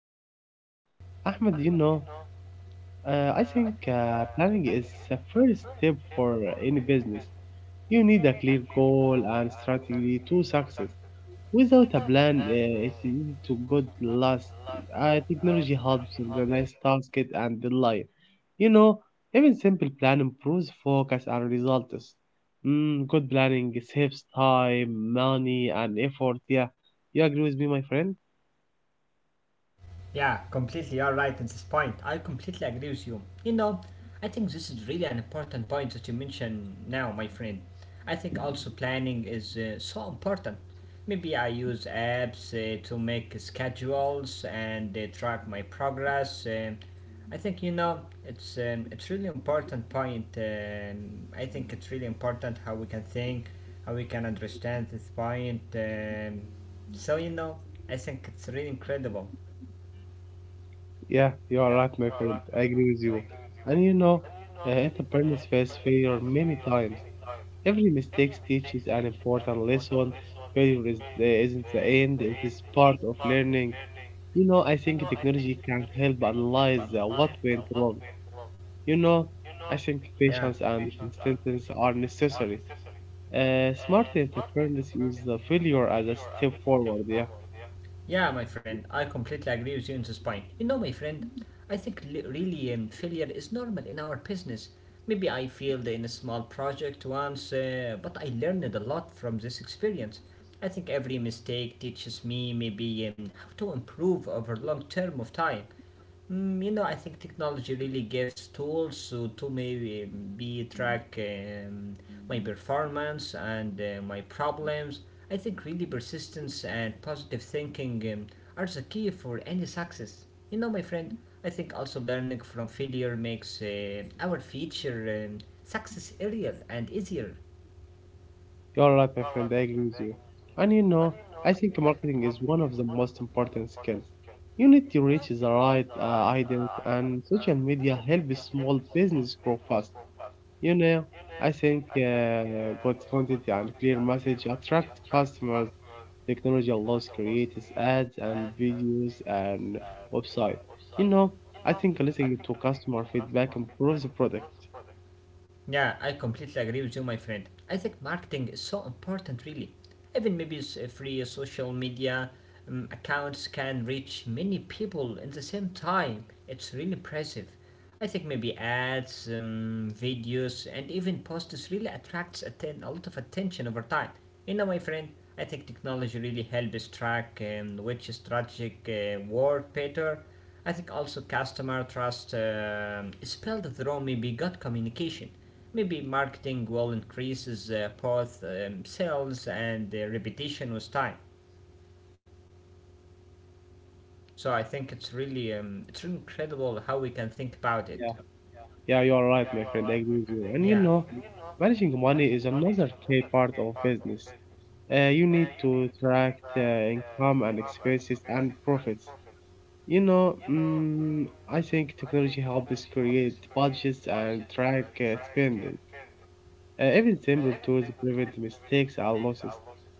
you. Ahmed, I think planning is the first step for any business. You need a clear goal and strategy to success. Without a plan, it is easy to go lost. Technology helps organize tasks and deadline. You know, Even simple plan improves focus and results. Good planning saves time, money, and effort. Yeah, you agree with me, my friend? Yeah, completely all right at this point. I completely agree with you. I think this is really an important point that you mentioned now, my friend. I think also planning is so important. Maybe I use apps to make schedules and track my progress. I think it's really important point. I think it's really important how we can think, how we can understand this point. So I think it's really incredible. Yeah, you are right, my friend. I agree with you. And you know, Entrepreneurs face failure many times. Every mistake teaches an important lesson. Failure isn't the end, it is part of learning. I think technology can help analyze what went wrong. You know, I think Yeah. patience and consistency are necessary. Smart entrepreneurs use the failure as a step forward. Yeah, Yeah, my friend, I completely agree with you on this point. My friend, I think really failure is normal in our business. Maybe I failed in a small project once, but I learned a lot from this experience. I think every mistake teaches me maybe how to improve over long term of time. I think technology really gives tools to maybe be track my performance and my problems. I think really persistence and positive thinking are the key for any success. My friend, I think also learning from failure makes our future success real and easier. you're right, my friend. I agree with you. And you know, I think marketing is one of the most important skills. You need to reach the right audience, and social media helps small business grow fast. You know, I think good content and clear message attract customers. Technology allows creators ads and videos and website. You know, I think listening to customer feedback improves the product. Yeah, I completely agree with you, my friend. I think marketing is so important, really. Even maybe free social media accounts can reach many people in the same time. It's really impressive. I think maybe ads, videos, and even posts really attracts a lot of attention over time. My friend, I think technology really helps track which strategic work better. I think also customer trust is built through maybe good communication. Maybe marketing will increases both sales and repetition with time. So I think it's really incredible how we can think about it. Yeah, yeah, you are right, my friend. I agree with you. Yeah, Managing money is another key part of business. You need to track income and expenses and profits. I think technology helps create budgets and track spending. Even simple tools prevent mistakes and losses.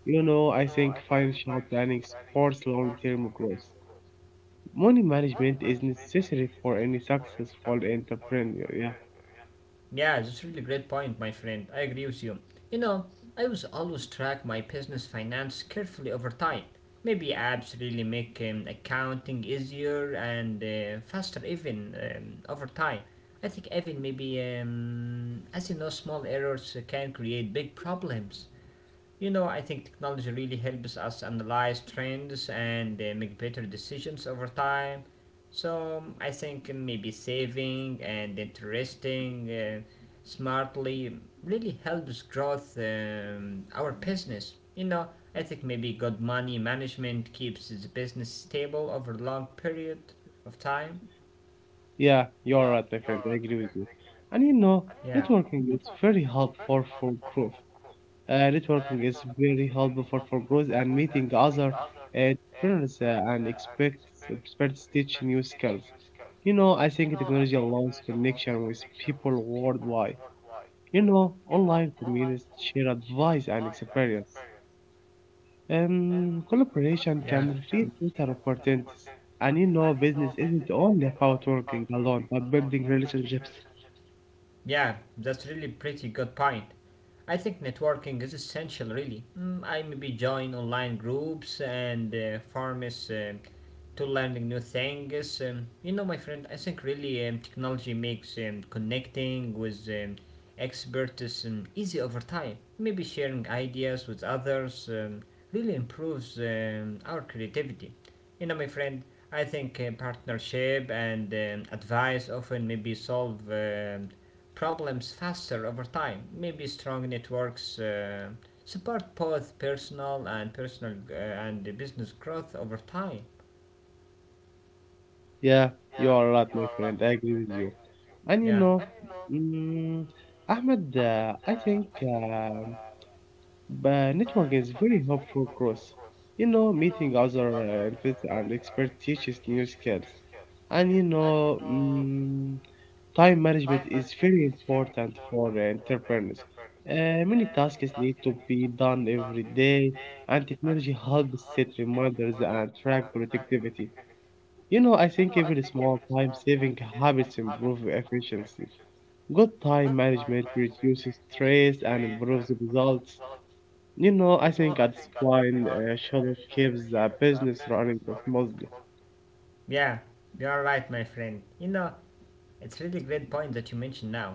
I think financial planning supports long-term growth. Money management is necessary for any successful entrepreneur. Yeah, yeah, that's a really great point, my friend. I agree with you. You know, I was always track my business finance carefully over time. Maybe apps really make accounting easier and faster, even over time. I think even maybe, as you know, small errors can create big problems. I think technology really helps us analyze trends and make better decisions over time. So I think maybe saving and investing smartly really helps growth our business. I think maybe good money management keeps the business stable over a long period of time. yeah, you're right, my friend. I agree with you. And you know, Networking is very helpful for growth. Networking is very helpful for growth and meeting other entrepreneurs and expect experts teach new skills. I think technology allows connection with people worldwide. Online communities share advice and experience, and collaboration can create better opportunities. And you know, business isn't only about working alone, but building relationships. Yeah, that's really pretty good point. I think networking is essential, really. I maybe join online groups and forms to learning new things. My friend, I think really technology makes connecting with experts easy over time. Maybe sharing ideas with others really improves our creativity. My friend, I think partnership and advice often maybe solve problems faster over time. Maybe strong networks support both personal and business growth over time. Yeah, you are right, my friend. I agree with you. And you Yeah. know, mm, Ahmed, I think. But network is very helpful growth. Meeting other experts and expert teaches new skills. And you know, mm, Time management is very important for entrepreneurs. Many tasks need to be done every day, and technology helps set reminders and track productivity. I think every small time saving habits improve efficiency. Good time management reduces stress and improves results. I think at this point, Shadow keeps the business running smoothly. Yeah, you're right, my friend. It's really a really great point that you mentioned now.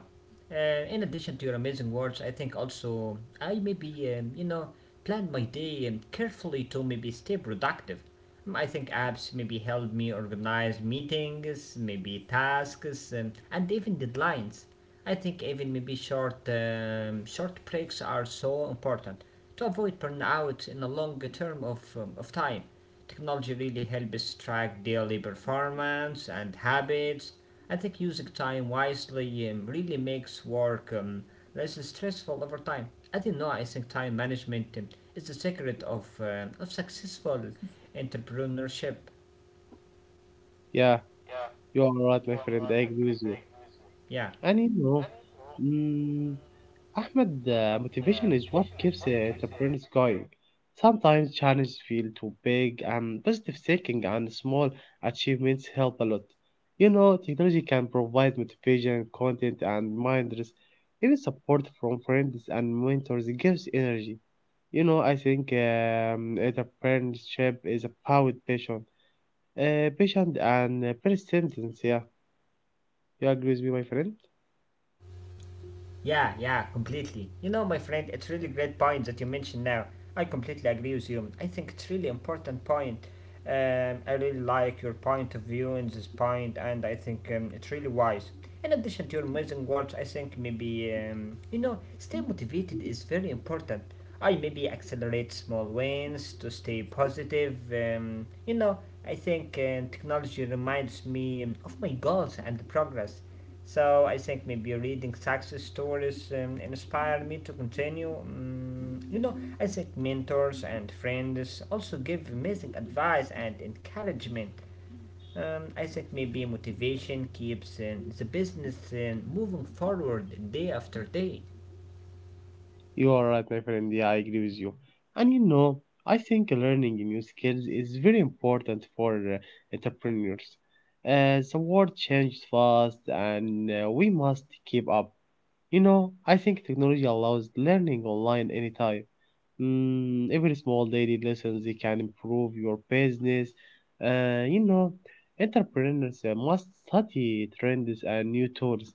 Uh, in addition to your amazing words, I think also I maybe plan my day carefully to maybe stay productive. I think apps maybe help me organize meetings, maybe tasks, and even deadlines. I think even maybe short breaks are so important to avoid burnout in a longer term of time. Technology really helps us track daily performance and habits. I think using time wisely really makes work less stressful over time. As you know, I think time management is the secret of successful entrepreneurship. Yeah, you are right, my friend. I agree with you. Yeah. And you know, mm, Ahmed, motivation is what keeps entrepreneurs going. Sometimes challenges feel too big, and positive thinking and small achievements help a lot. Technology can provide motivation, content, and reminders. Even support from friends and mentors gives energy. I think entrepreneurship is about passion, patient and persistence. Yeah, you agree with me, my friend? Yeah, yeah, completely. My friend, it's really great point that you mentioned now. I completely agree with you. I think it's really important point. I really like your point of view in this point, and I think it's really wise. In addition to your amazing words, I think maybe stay motivated is very important. I maybe accelerate small wins to stay positive. I think technology reminds me of my goals and progress. So I think maybe reading success stories inspired me to continue. I think mentors and friends also give amazing advice and encouragement. I think maybe motivation keeps the business moving forward day after day. You are right, my friend. Yeah, I agree with you. And you know, I think learning new skills is very important for entrepreneurs. The world changes fast, and we must keep up. I think technology allows learning online anytime. Every small daily lessons it can improve your business. Uh, you know, Entrepreneurs must study trends and new tools.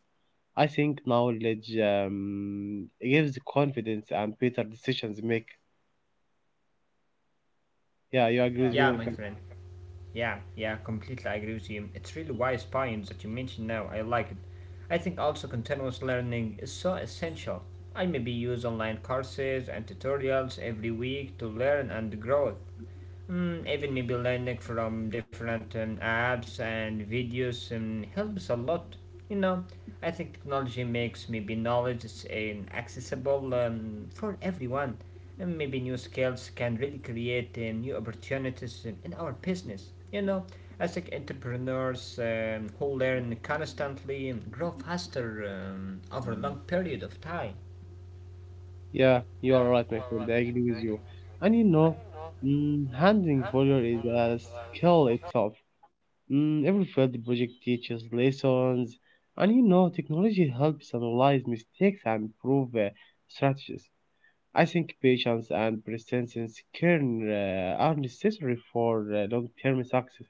I think knowledge gives confidence and better decisions make. Yeah, you agree with me, Yeah, my my friend? Yeah, yeah, completely I agree with you. It's really wise points that you mentioned now. I like it. I think also continuous learning is so essential. I maybe use online courses and tutorials every week to learn and grow. Even maybe learning from different apps and videos helps a lot. You know, I think technology makes maybe knowledge is, accessible for everyone. And maybe new skills can really create new opportunities in our business. I think entrepreneurs who learn constantly grow faster over a long period of time. Yeah, you are right, my friend. I agree with you. And you know, mm, Handling failure is a skill itself. Every failed project teaches lessons, and you know, technology helps analyze mistakes and improve strategies. I think patience and persistence are necessary for long-term success.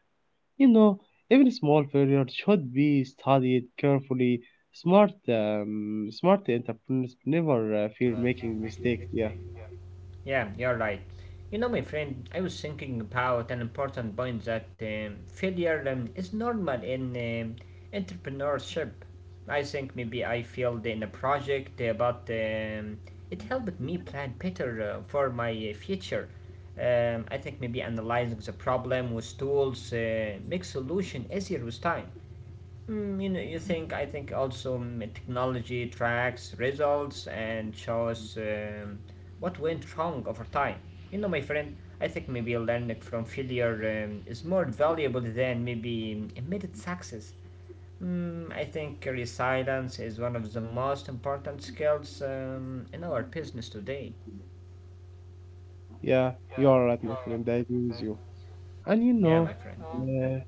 You know, Even small failure should be studied carefully. Smart entrepreneurs never fear making mistakes. Yeah. Yeah, you're right. My friend, I was thinking about an important point that failure is normal in entrepreneurship. I think maybe I failed in a project, but it helped me plan better for my future. I think maybe analyzing the problem with tools makes solution easier with time. Mm, you know, you think I think also technology tracks results and shows what went wrong over time. My friend, I think maybe learning from failure is more valuable than maybe immediate success. I think resilience is one of the most important skills in our business today. Yeah, you are right, my friend. I agree with you. And you Yeah, know, uh,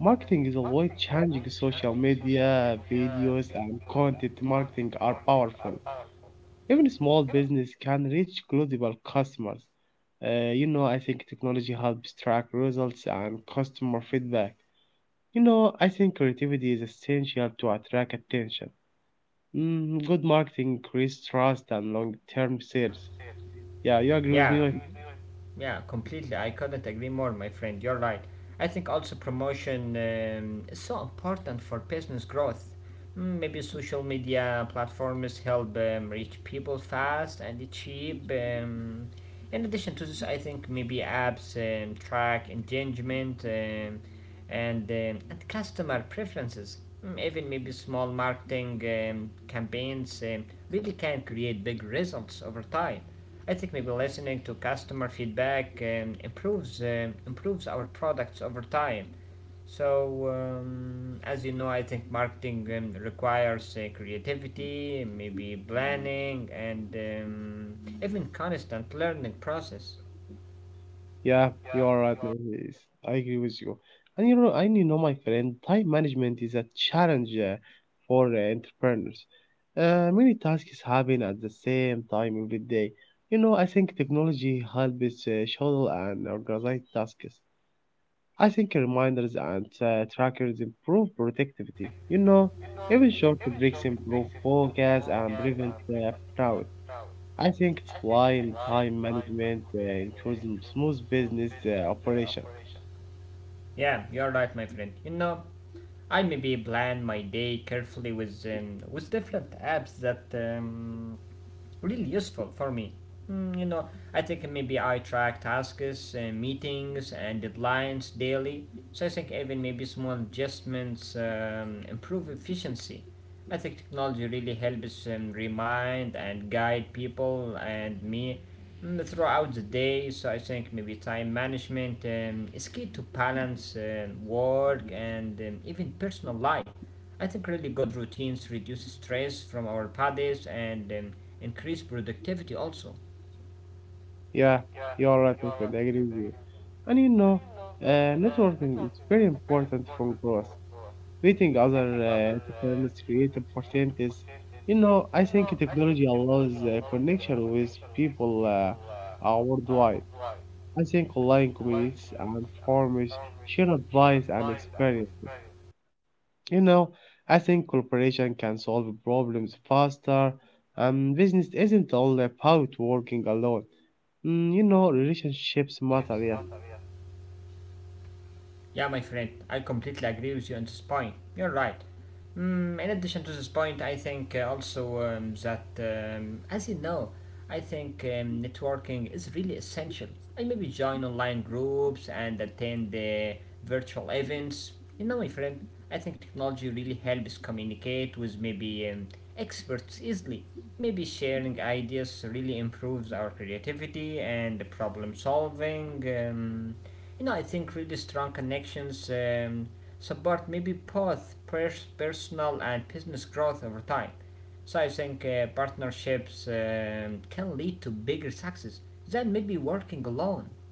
Marketing is always changing. Social media, videos, and content marketing are powerful. Even small business can reach global customers. I think technology helps track results and customer feedback. I think creativity is essential to attract attention. Good marketing increases trust and long-term sales. Yeah, you agree with yeah. me, my Yeah, completely. I couldn't agree more, my friend. You're right. I think also promotion is so important for business growth. Maybe social media platforms help reach people fast and cheap. In addition to this, I think maybe apps track engagement and customer preferences. Even maybe small marketing campaigns really can create big results over time. Ethically, listening to customer feedback improves our products over time. So, as you know, I think marketing requires creativity, maybe planning, and even constant learning process. Yeah, you are right, man. Yes, I agree with you. And you know, my friend, time management is a challenge for entrepreneurs. Many tasks happen at the same time every day. I think technology helps schedule and organize tasks. I think reminders and trackers improve productivity. Even short breaks improve focus and prevent burnout. I think it's while time management ensures smooth business operation. Yeah, you're right, my friend. I maybe plan my day carefully with with different apps that. Really useful for me. Mm, you know, I think maybe I track tasks, meetings, deadlines daily. So I think even maybe small adjustments improve efficiency. I think technology really helps remind and guide people and me throughout the day. So I think maybe time management is key to balance work and even personal life. I think really good routines reduce stress from our bodies and increase productivity also. Yeah, you're right, my friend. I agree with you. And you know, Networking is very important for growth. Meeting other entrepreneurs create opportunities. I think technology allows connection with people worldwide. I think online communities and forums share advice and experiences. You know, I think cooperation can solve problems faster, and business isn't only about working alone. You know, relationships matter. Yeah, Yeah, my friend, I completely agree with you on this point. You're right. In addition to this point, I think also that, as you know, I think networking is really essential. I maybe join online groups and attend the virtual events. My friend, I think technology really helps communicate with maybe experts easily. Maybe sharing ideas really improves our creativity and problem solving. Um, I think really strong connections support maybe both personal and business growth over time. So I think partnerships can lead to bigger success than maybe working alone.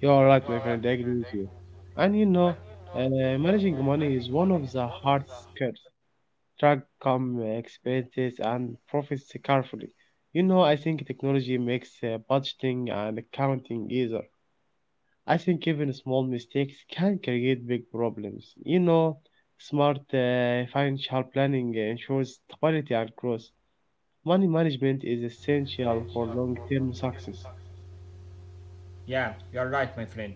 you are right, my friend. I agree with you. And you know, uh, Managing money is one of the hard skills. Track come expenses and profits carefully. I think technology makes budgeting and accounting easier. I think even small mistakes can create big problems. Smart financial planning ensures stability and growth. Money management is essential for long term success. Yeah, you're right, my friend.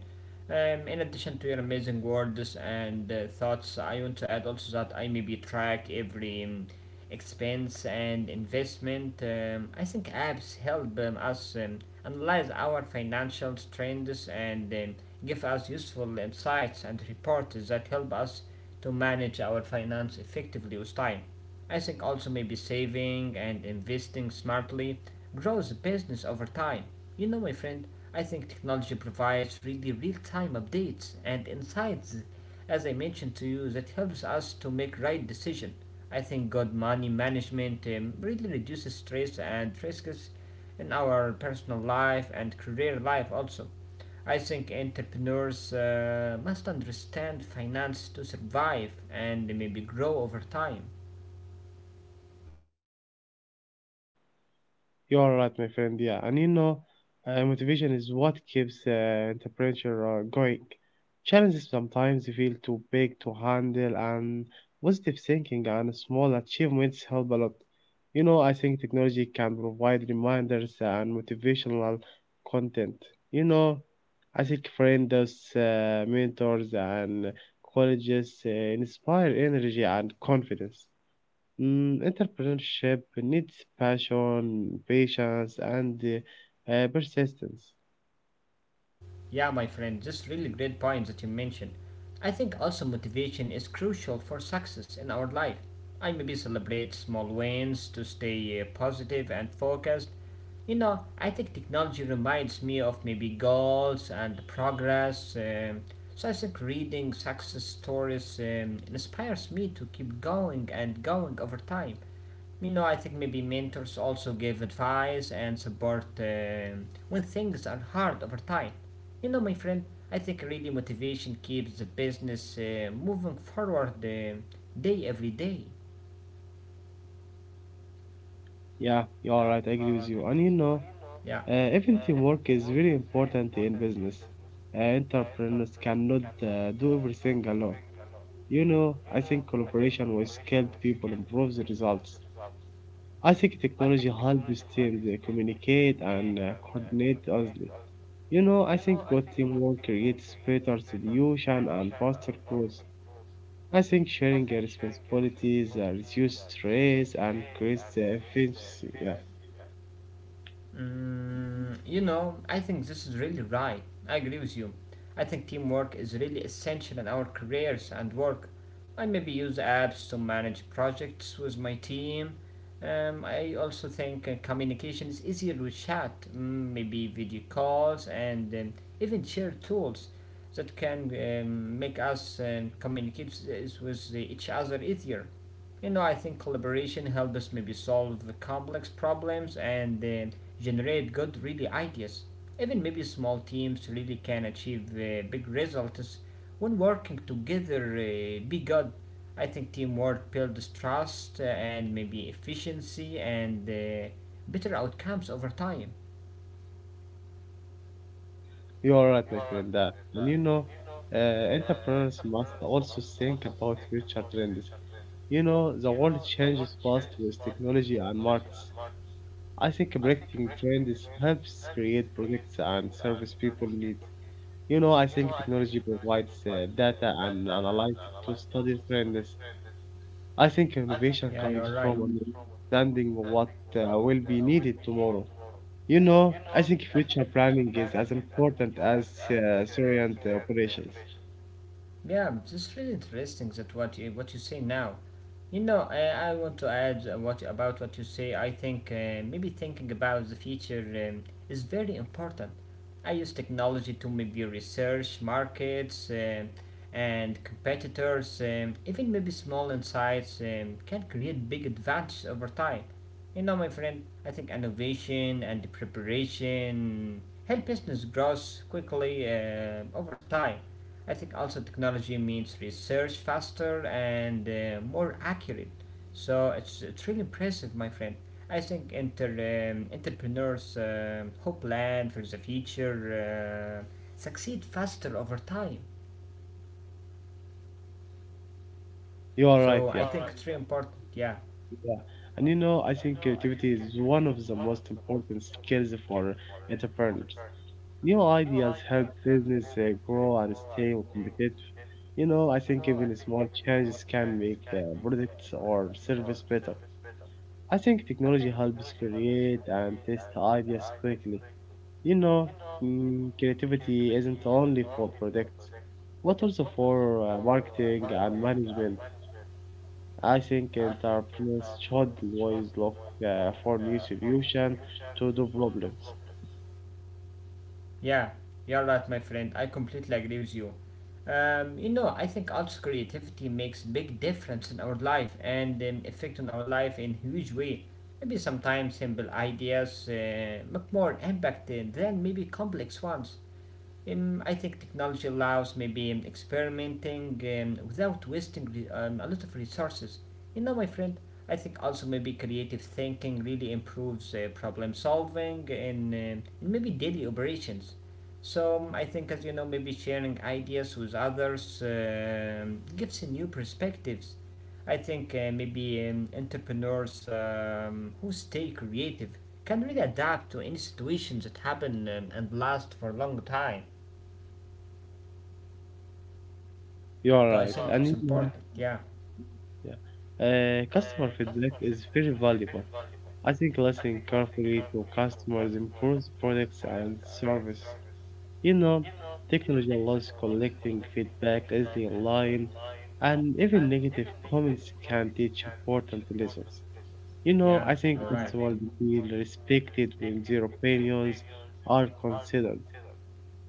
In addition to your amazing words and thoughts, I want to add also that I maybe track every expense and investment. I think apps help us analyze our financial trends and give us useful insights and reports that help us to manage our finance effectively with time. I think also maybe saving and investing smartly grows the business over time. My friend, I think technology provides really real-time updates and insights, as I mentioned to you, that helps us to make right decision. I think good money management really reduces stress and risks in our personal life and career life also. I think entrepreneurs must understand finance to survive and maybe grow over time. You're right, my friend. Motivation is what keeps entrepreneur going. Challenges sometimes feel too big to handle, and positive thinking and small achievements help a lot. I think technology can provide reminders and motivational content. You know, I think friends, mentors, and colleges inspire energy and confidence. Entrepreneurship needs passion, patience, and persistence. Yeah, my friend, just really great points that you mentioned. I think also motivation is crucial for success in our life. I maybe celebrate small wins to stay positive and focused. I think technology reminds me of maybe goals and progress. So I think reading success stories inspires me to keep going and going over time. I think maybe mentors also give advice and support when things are hard over time. My friend, I think really motivation keeps the business moving forward day every day. Yeah, you are right. I agree with you. Yeah. Even teamwork is very important in business. Entrepreneurs cannot do everything alone. I think collaboration with skilled people improves the results. I think technology helps teams communicate and coordinate easily. I think good teamwork creates better solution and faster growth. I think sharing your responsibilities reduces stress and creates efficiency. Yeah, You know, I think this is really right. I agree with you. I think teamwork is really essential in our careers and work. I maybe use apps to manage projects with my team. I also think communication is easier with chat, maybe video calls, and even shared tools that can make us communicate s- is with each other easier. You know, I think collaboration helps us maybe solve the complex problems and generate good really ideas. Even maybe small teams really can achieve big results when working together. Be good. I think teamwork builds trust and maybe efficiency and better outcomes over time. you are right, my friend. That and you know, uh, entrepreneurs must also think about future trends. The world changes fast with technology and markets. I think predicting trends helps create products and service people need. I think technology provides data and analytics to study trends. I think innovation Yeah, comes you're from right. understanding what will be needed tomorrow. I think future planning is as important as current operations. Yeah, it's really interesting that what you say now. You know, I want to add what about what you say. I think maybe thinking about the future is very important. I use technology to maybe research markets and competitors. Even maybe small insights can create big advantage over time. You know, my friend, I think innovation and preparation help business grows quickly over time. I think also technology means research faster and more accurate. So it's really impressive, my friend. I think entrepreneurs who plan for the future succeed faster over time. You are So right, I yeah, think it's really important. Yeah. yeah. I think creativity is one of the most important skills for entrepreneurs. New ideas help business grow and stay competitive. I think even small changes can make products or service better. I think technology helps create and test ideas quickly. You know, Creativity isn't only for products, but also for marketing and management. I think entrepreneurs should always look for new solutions to the problems. Yeah, you're right, my friend. I completely agree with you. You know, I think arts creativity makes big difference in our life and effect on our life in huge way. Maybe sometimes simple ideas make more impact than maybe complex ones. I think technology allows maybe experimenting without wasting a lot of resources. You know, my friend, I think also maybe creative thinking really improves problem solving and maybe daily operations. So I think, as you know, maybe sharing ideas with others gives you new perspectives. I think maybe entrepreneurs who stay creative can really adapt to any situations that happen and last for a long time. You are right. Dissect is And you know, important. Yeah, yeah. Customer feedback is very valuable. I think listening carefully to customers improves products and service. You know, Technology allows collecting feedback easily online, and even negative comments can teach important lessons. Yeah, I think customers feel respected when their opinions are considered.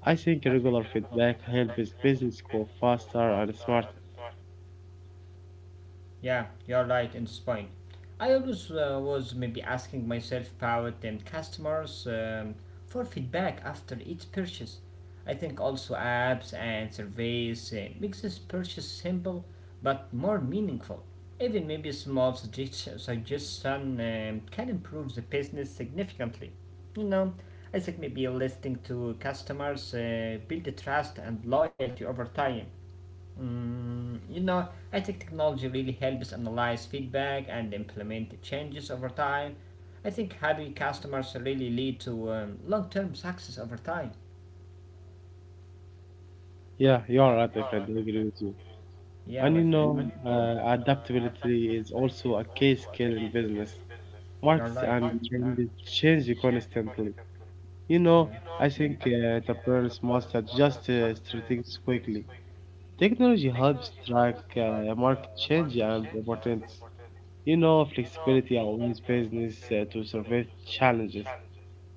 I think regular feedback helps business grow faster and smarter. yeah, you're right in this point. I always was maybe asking myself about customers for feedback after each purchase. I think also apps and surveys makes this purchase simple but more meaningful. Even maybe small suggestion can improve the business significantly. You know, I think maybe listening to customers build the trust and loyalty over time. You know, I think technology really helps analyze feedback and implement changes over time. I think happy customers really lead to long term success over time. Yeah, you are right, my friend. I agree with you. Yeah, my friend, Adaptability is also a key skill in business. you're Markets right. and trends change constantly. You know, Yeah. I think entrepreneurs must adjust strategies quickly. Technology helps track market change and opportunities. Flexibility allows business to survive challenges.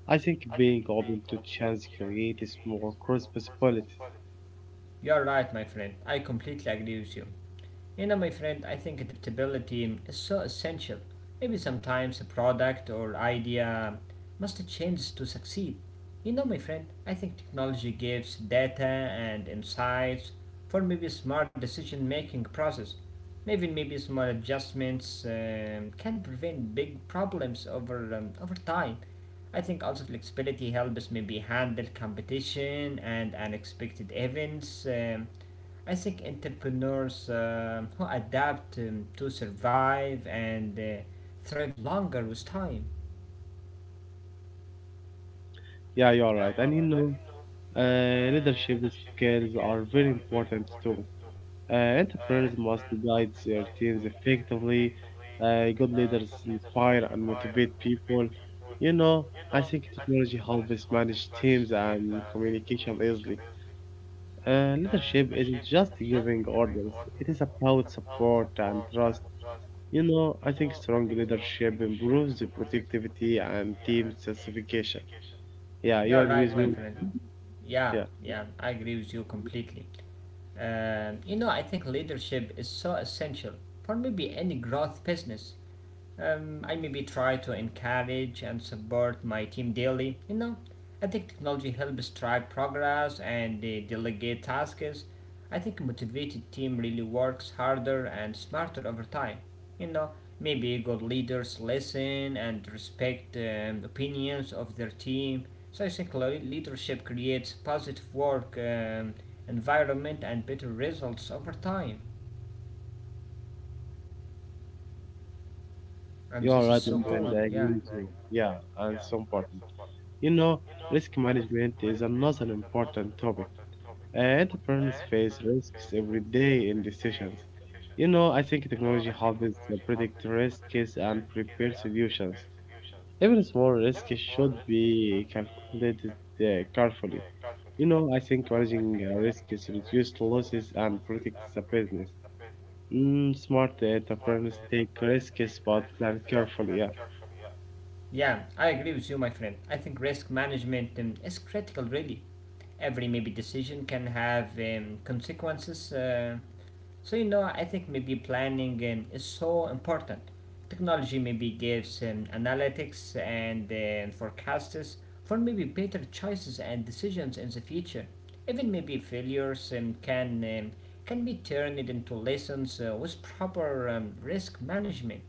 I think being open to chance creates more cross possibilities. You're right, my friend. I completely agree with you. You know, my friend, I think adaptability is so essential. Maybe sometimes a product or idea must change to succeed. You know, my friend, I think technology gives data and insights for maybe smart decision making process. Maybe small adjustments can prevent big problems over time. I think also flexibility helps maybe handle competition and unexpected events. I think entrepreneurs who adapt to survive and thrive longer with time. Yeah, you're right. And you know, leadership skills are very important too. Entrepreneurs must guide their teams effectively. Good leaders inspire and motivate people. You know, I think technology helps manage teams and communication easily. Leadership isn't just giving orders, it is about support and trust. I think strong leadership improves the productivity and team satisfaction. Yeah, you You are agree with right, me? my friend. Yeah. Yeah, I agree with you completely. You know, I think leadership is so essential for maybe any growth business. I maybe try to encourage and support my team daily. You know, I think technology helps drive progress and delegate tasks. I think a motivated team really works harder and smarter over time. You know, maybe good leaders listen and respect opinions of their team. So I think leadership creates positive work environment and better results over time. And You this is are so right, my cool. friend. I Yeah. agree with you. Yeah, and it's important. You know, Risk management is another important topic. Entrepreneurs face risks every day in decisions. I think technology helps to predict risks and prepare solutions. Even small risks should be calculated carefully. I think managing risks reduces losses and protects the business. Smart entrepreneurs take risks but plan carefully. Yeah. Yeah, I agree with you, my friend. I think risk management is critical, really. Every maybe decision can have consequences. So, you know, I think maybe planning is so important. Technology maybe gives analytics and forecasts for maybe better choices and decisions in the future, even maybe failures can be turned into lessons with proper risk management.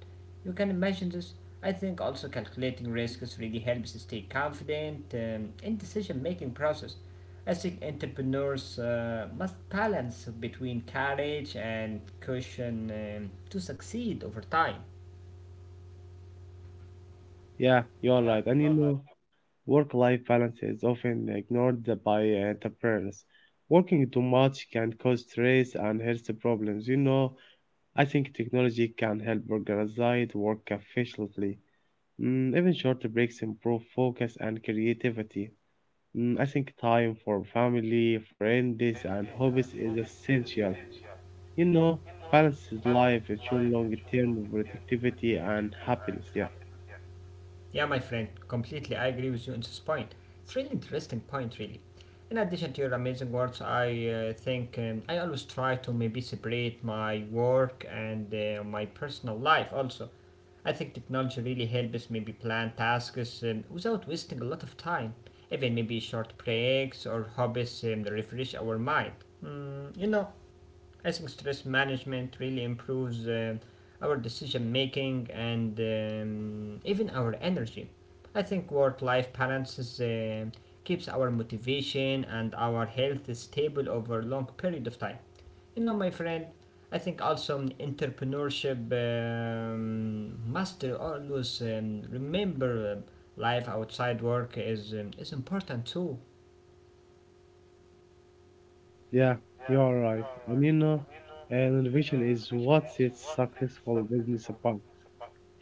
You can imagine this. I think also calculating risks really helps us stay confident in decision-making process. I think entrepreneurs must balance between courage and caution to succeed over time. Yeah, you are right. Work life balance is often ignored by entrepreneurs. Working too much can cause stress and health problems. I think technology can help organize work efficiently. Even short breaks improve focus and creativity. I think time for family, friends, and hobbies is essential. You know, Balance is life, ensure long term productivity and happiness. Yeah. Yeah, my friend, completely. I agree with you on this point. It's really interesting point, really. In addition to your amazing words, I think I always try to maybe separate my work and my personal life also. I think technology really helps maybe plan tasks without wasting a lot of time. Even maybe short breaks or hobbies refresh our mind. You know, I think stress management really improves our decision making and even our energy. I think work life balance keeps our motivation and our health stable over a long period of time. You know, my friend, I think also entrepreneurship must always remember life outside work is important too. Yeah, you are right. And innovation is what sets successful business apart.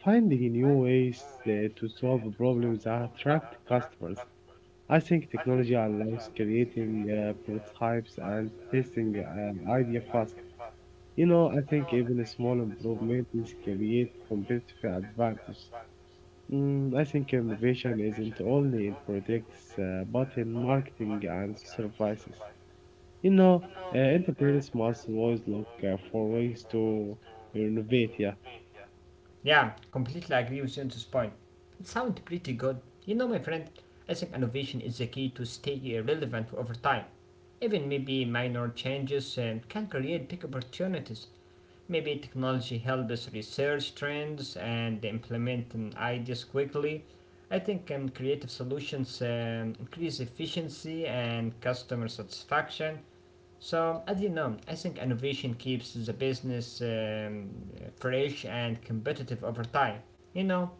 Finding new ways to solve problems and attract customers. I think technology allows creating prototypes and testing an idea fast. I think even a small improvement is create competitive advantage. I think innovation isn't only in products, but in marketing and services. You know, Entrepreneurs must always look for ways to innovate. Yeah, Yeah, completely agree with you on this point. It sounds pretty good. You know, my friend, I think innovation is the key to stay relevant over time. Even maybe minor changes can create big opportunities. Maybe technology helps research trends and implement ideas quickly. I think creative solutions increase efficiency and customer satisfaction. So, as you know, I think innovation keeps the business fresh and competitive over time. You know,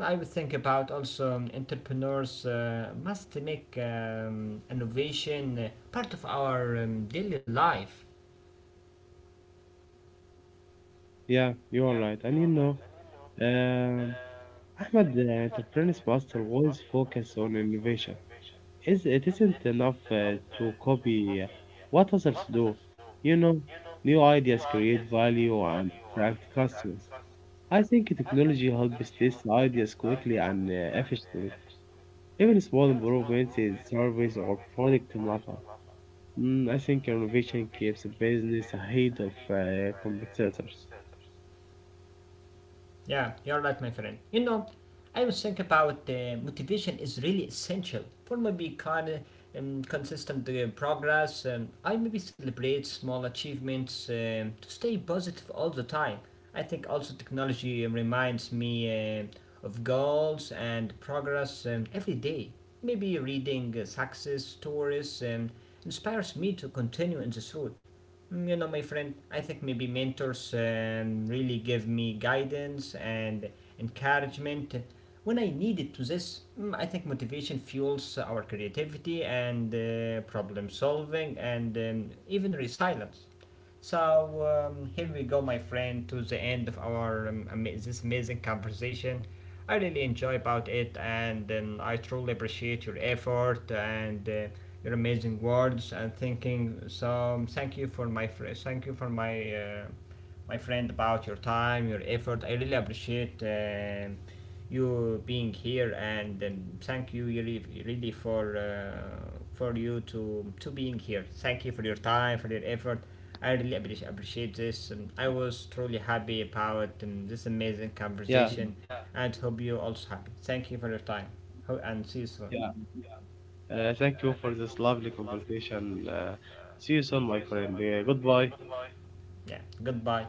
I would think about also entrepreneurs must make innovation part of our daily life. yeah, you're right. Um, Ahmed, enterprises must always focus on innovation. Is it isn't enough to copy what others do? You know, New ideas create value and attract customers. I think technology helps test ideas quickly and efficiently. Even small improvements in service or product matter. I think innovation keeps business ahead of competitors. Yeah, you're right, my friend. You know, I was thinking about motivation is really essential for maybe kind of consistent progress. I maybe celebrate small achievements to stay positive all the time. I think also technology reminds me of goals and progress every day. Maybe reading success stories inspires me to continue in this route. You know, my friend, I think maybe mentors really give me guidance and encouragement when I need it to this. I think motivation fuels our creativity and problem solving and even resilience. So here we go, my friend, to the end of our this amazing conversation. I really enjoy about it, and I truly appreciate your effort and your amazing words and thinking. So thank you for my friend, thank you for my my friend about your time, your effort. I really appreciate. You being here and thank you really, really for you to being here. Thank you for your time, for your effort. I really appreciate this. I was truly happy about this amazing Yeah. conversation, and hope you also happy. Thank you for your time. And see you soon. Yeah. Thank you for this lovely conversation. See you soon, my friend. Goodbye. Yeah, goodbye.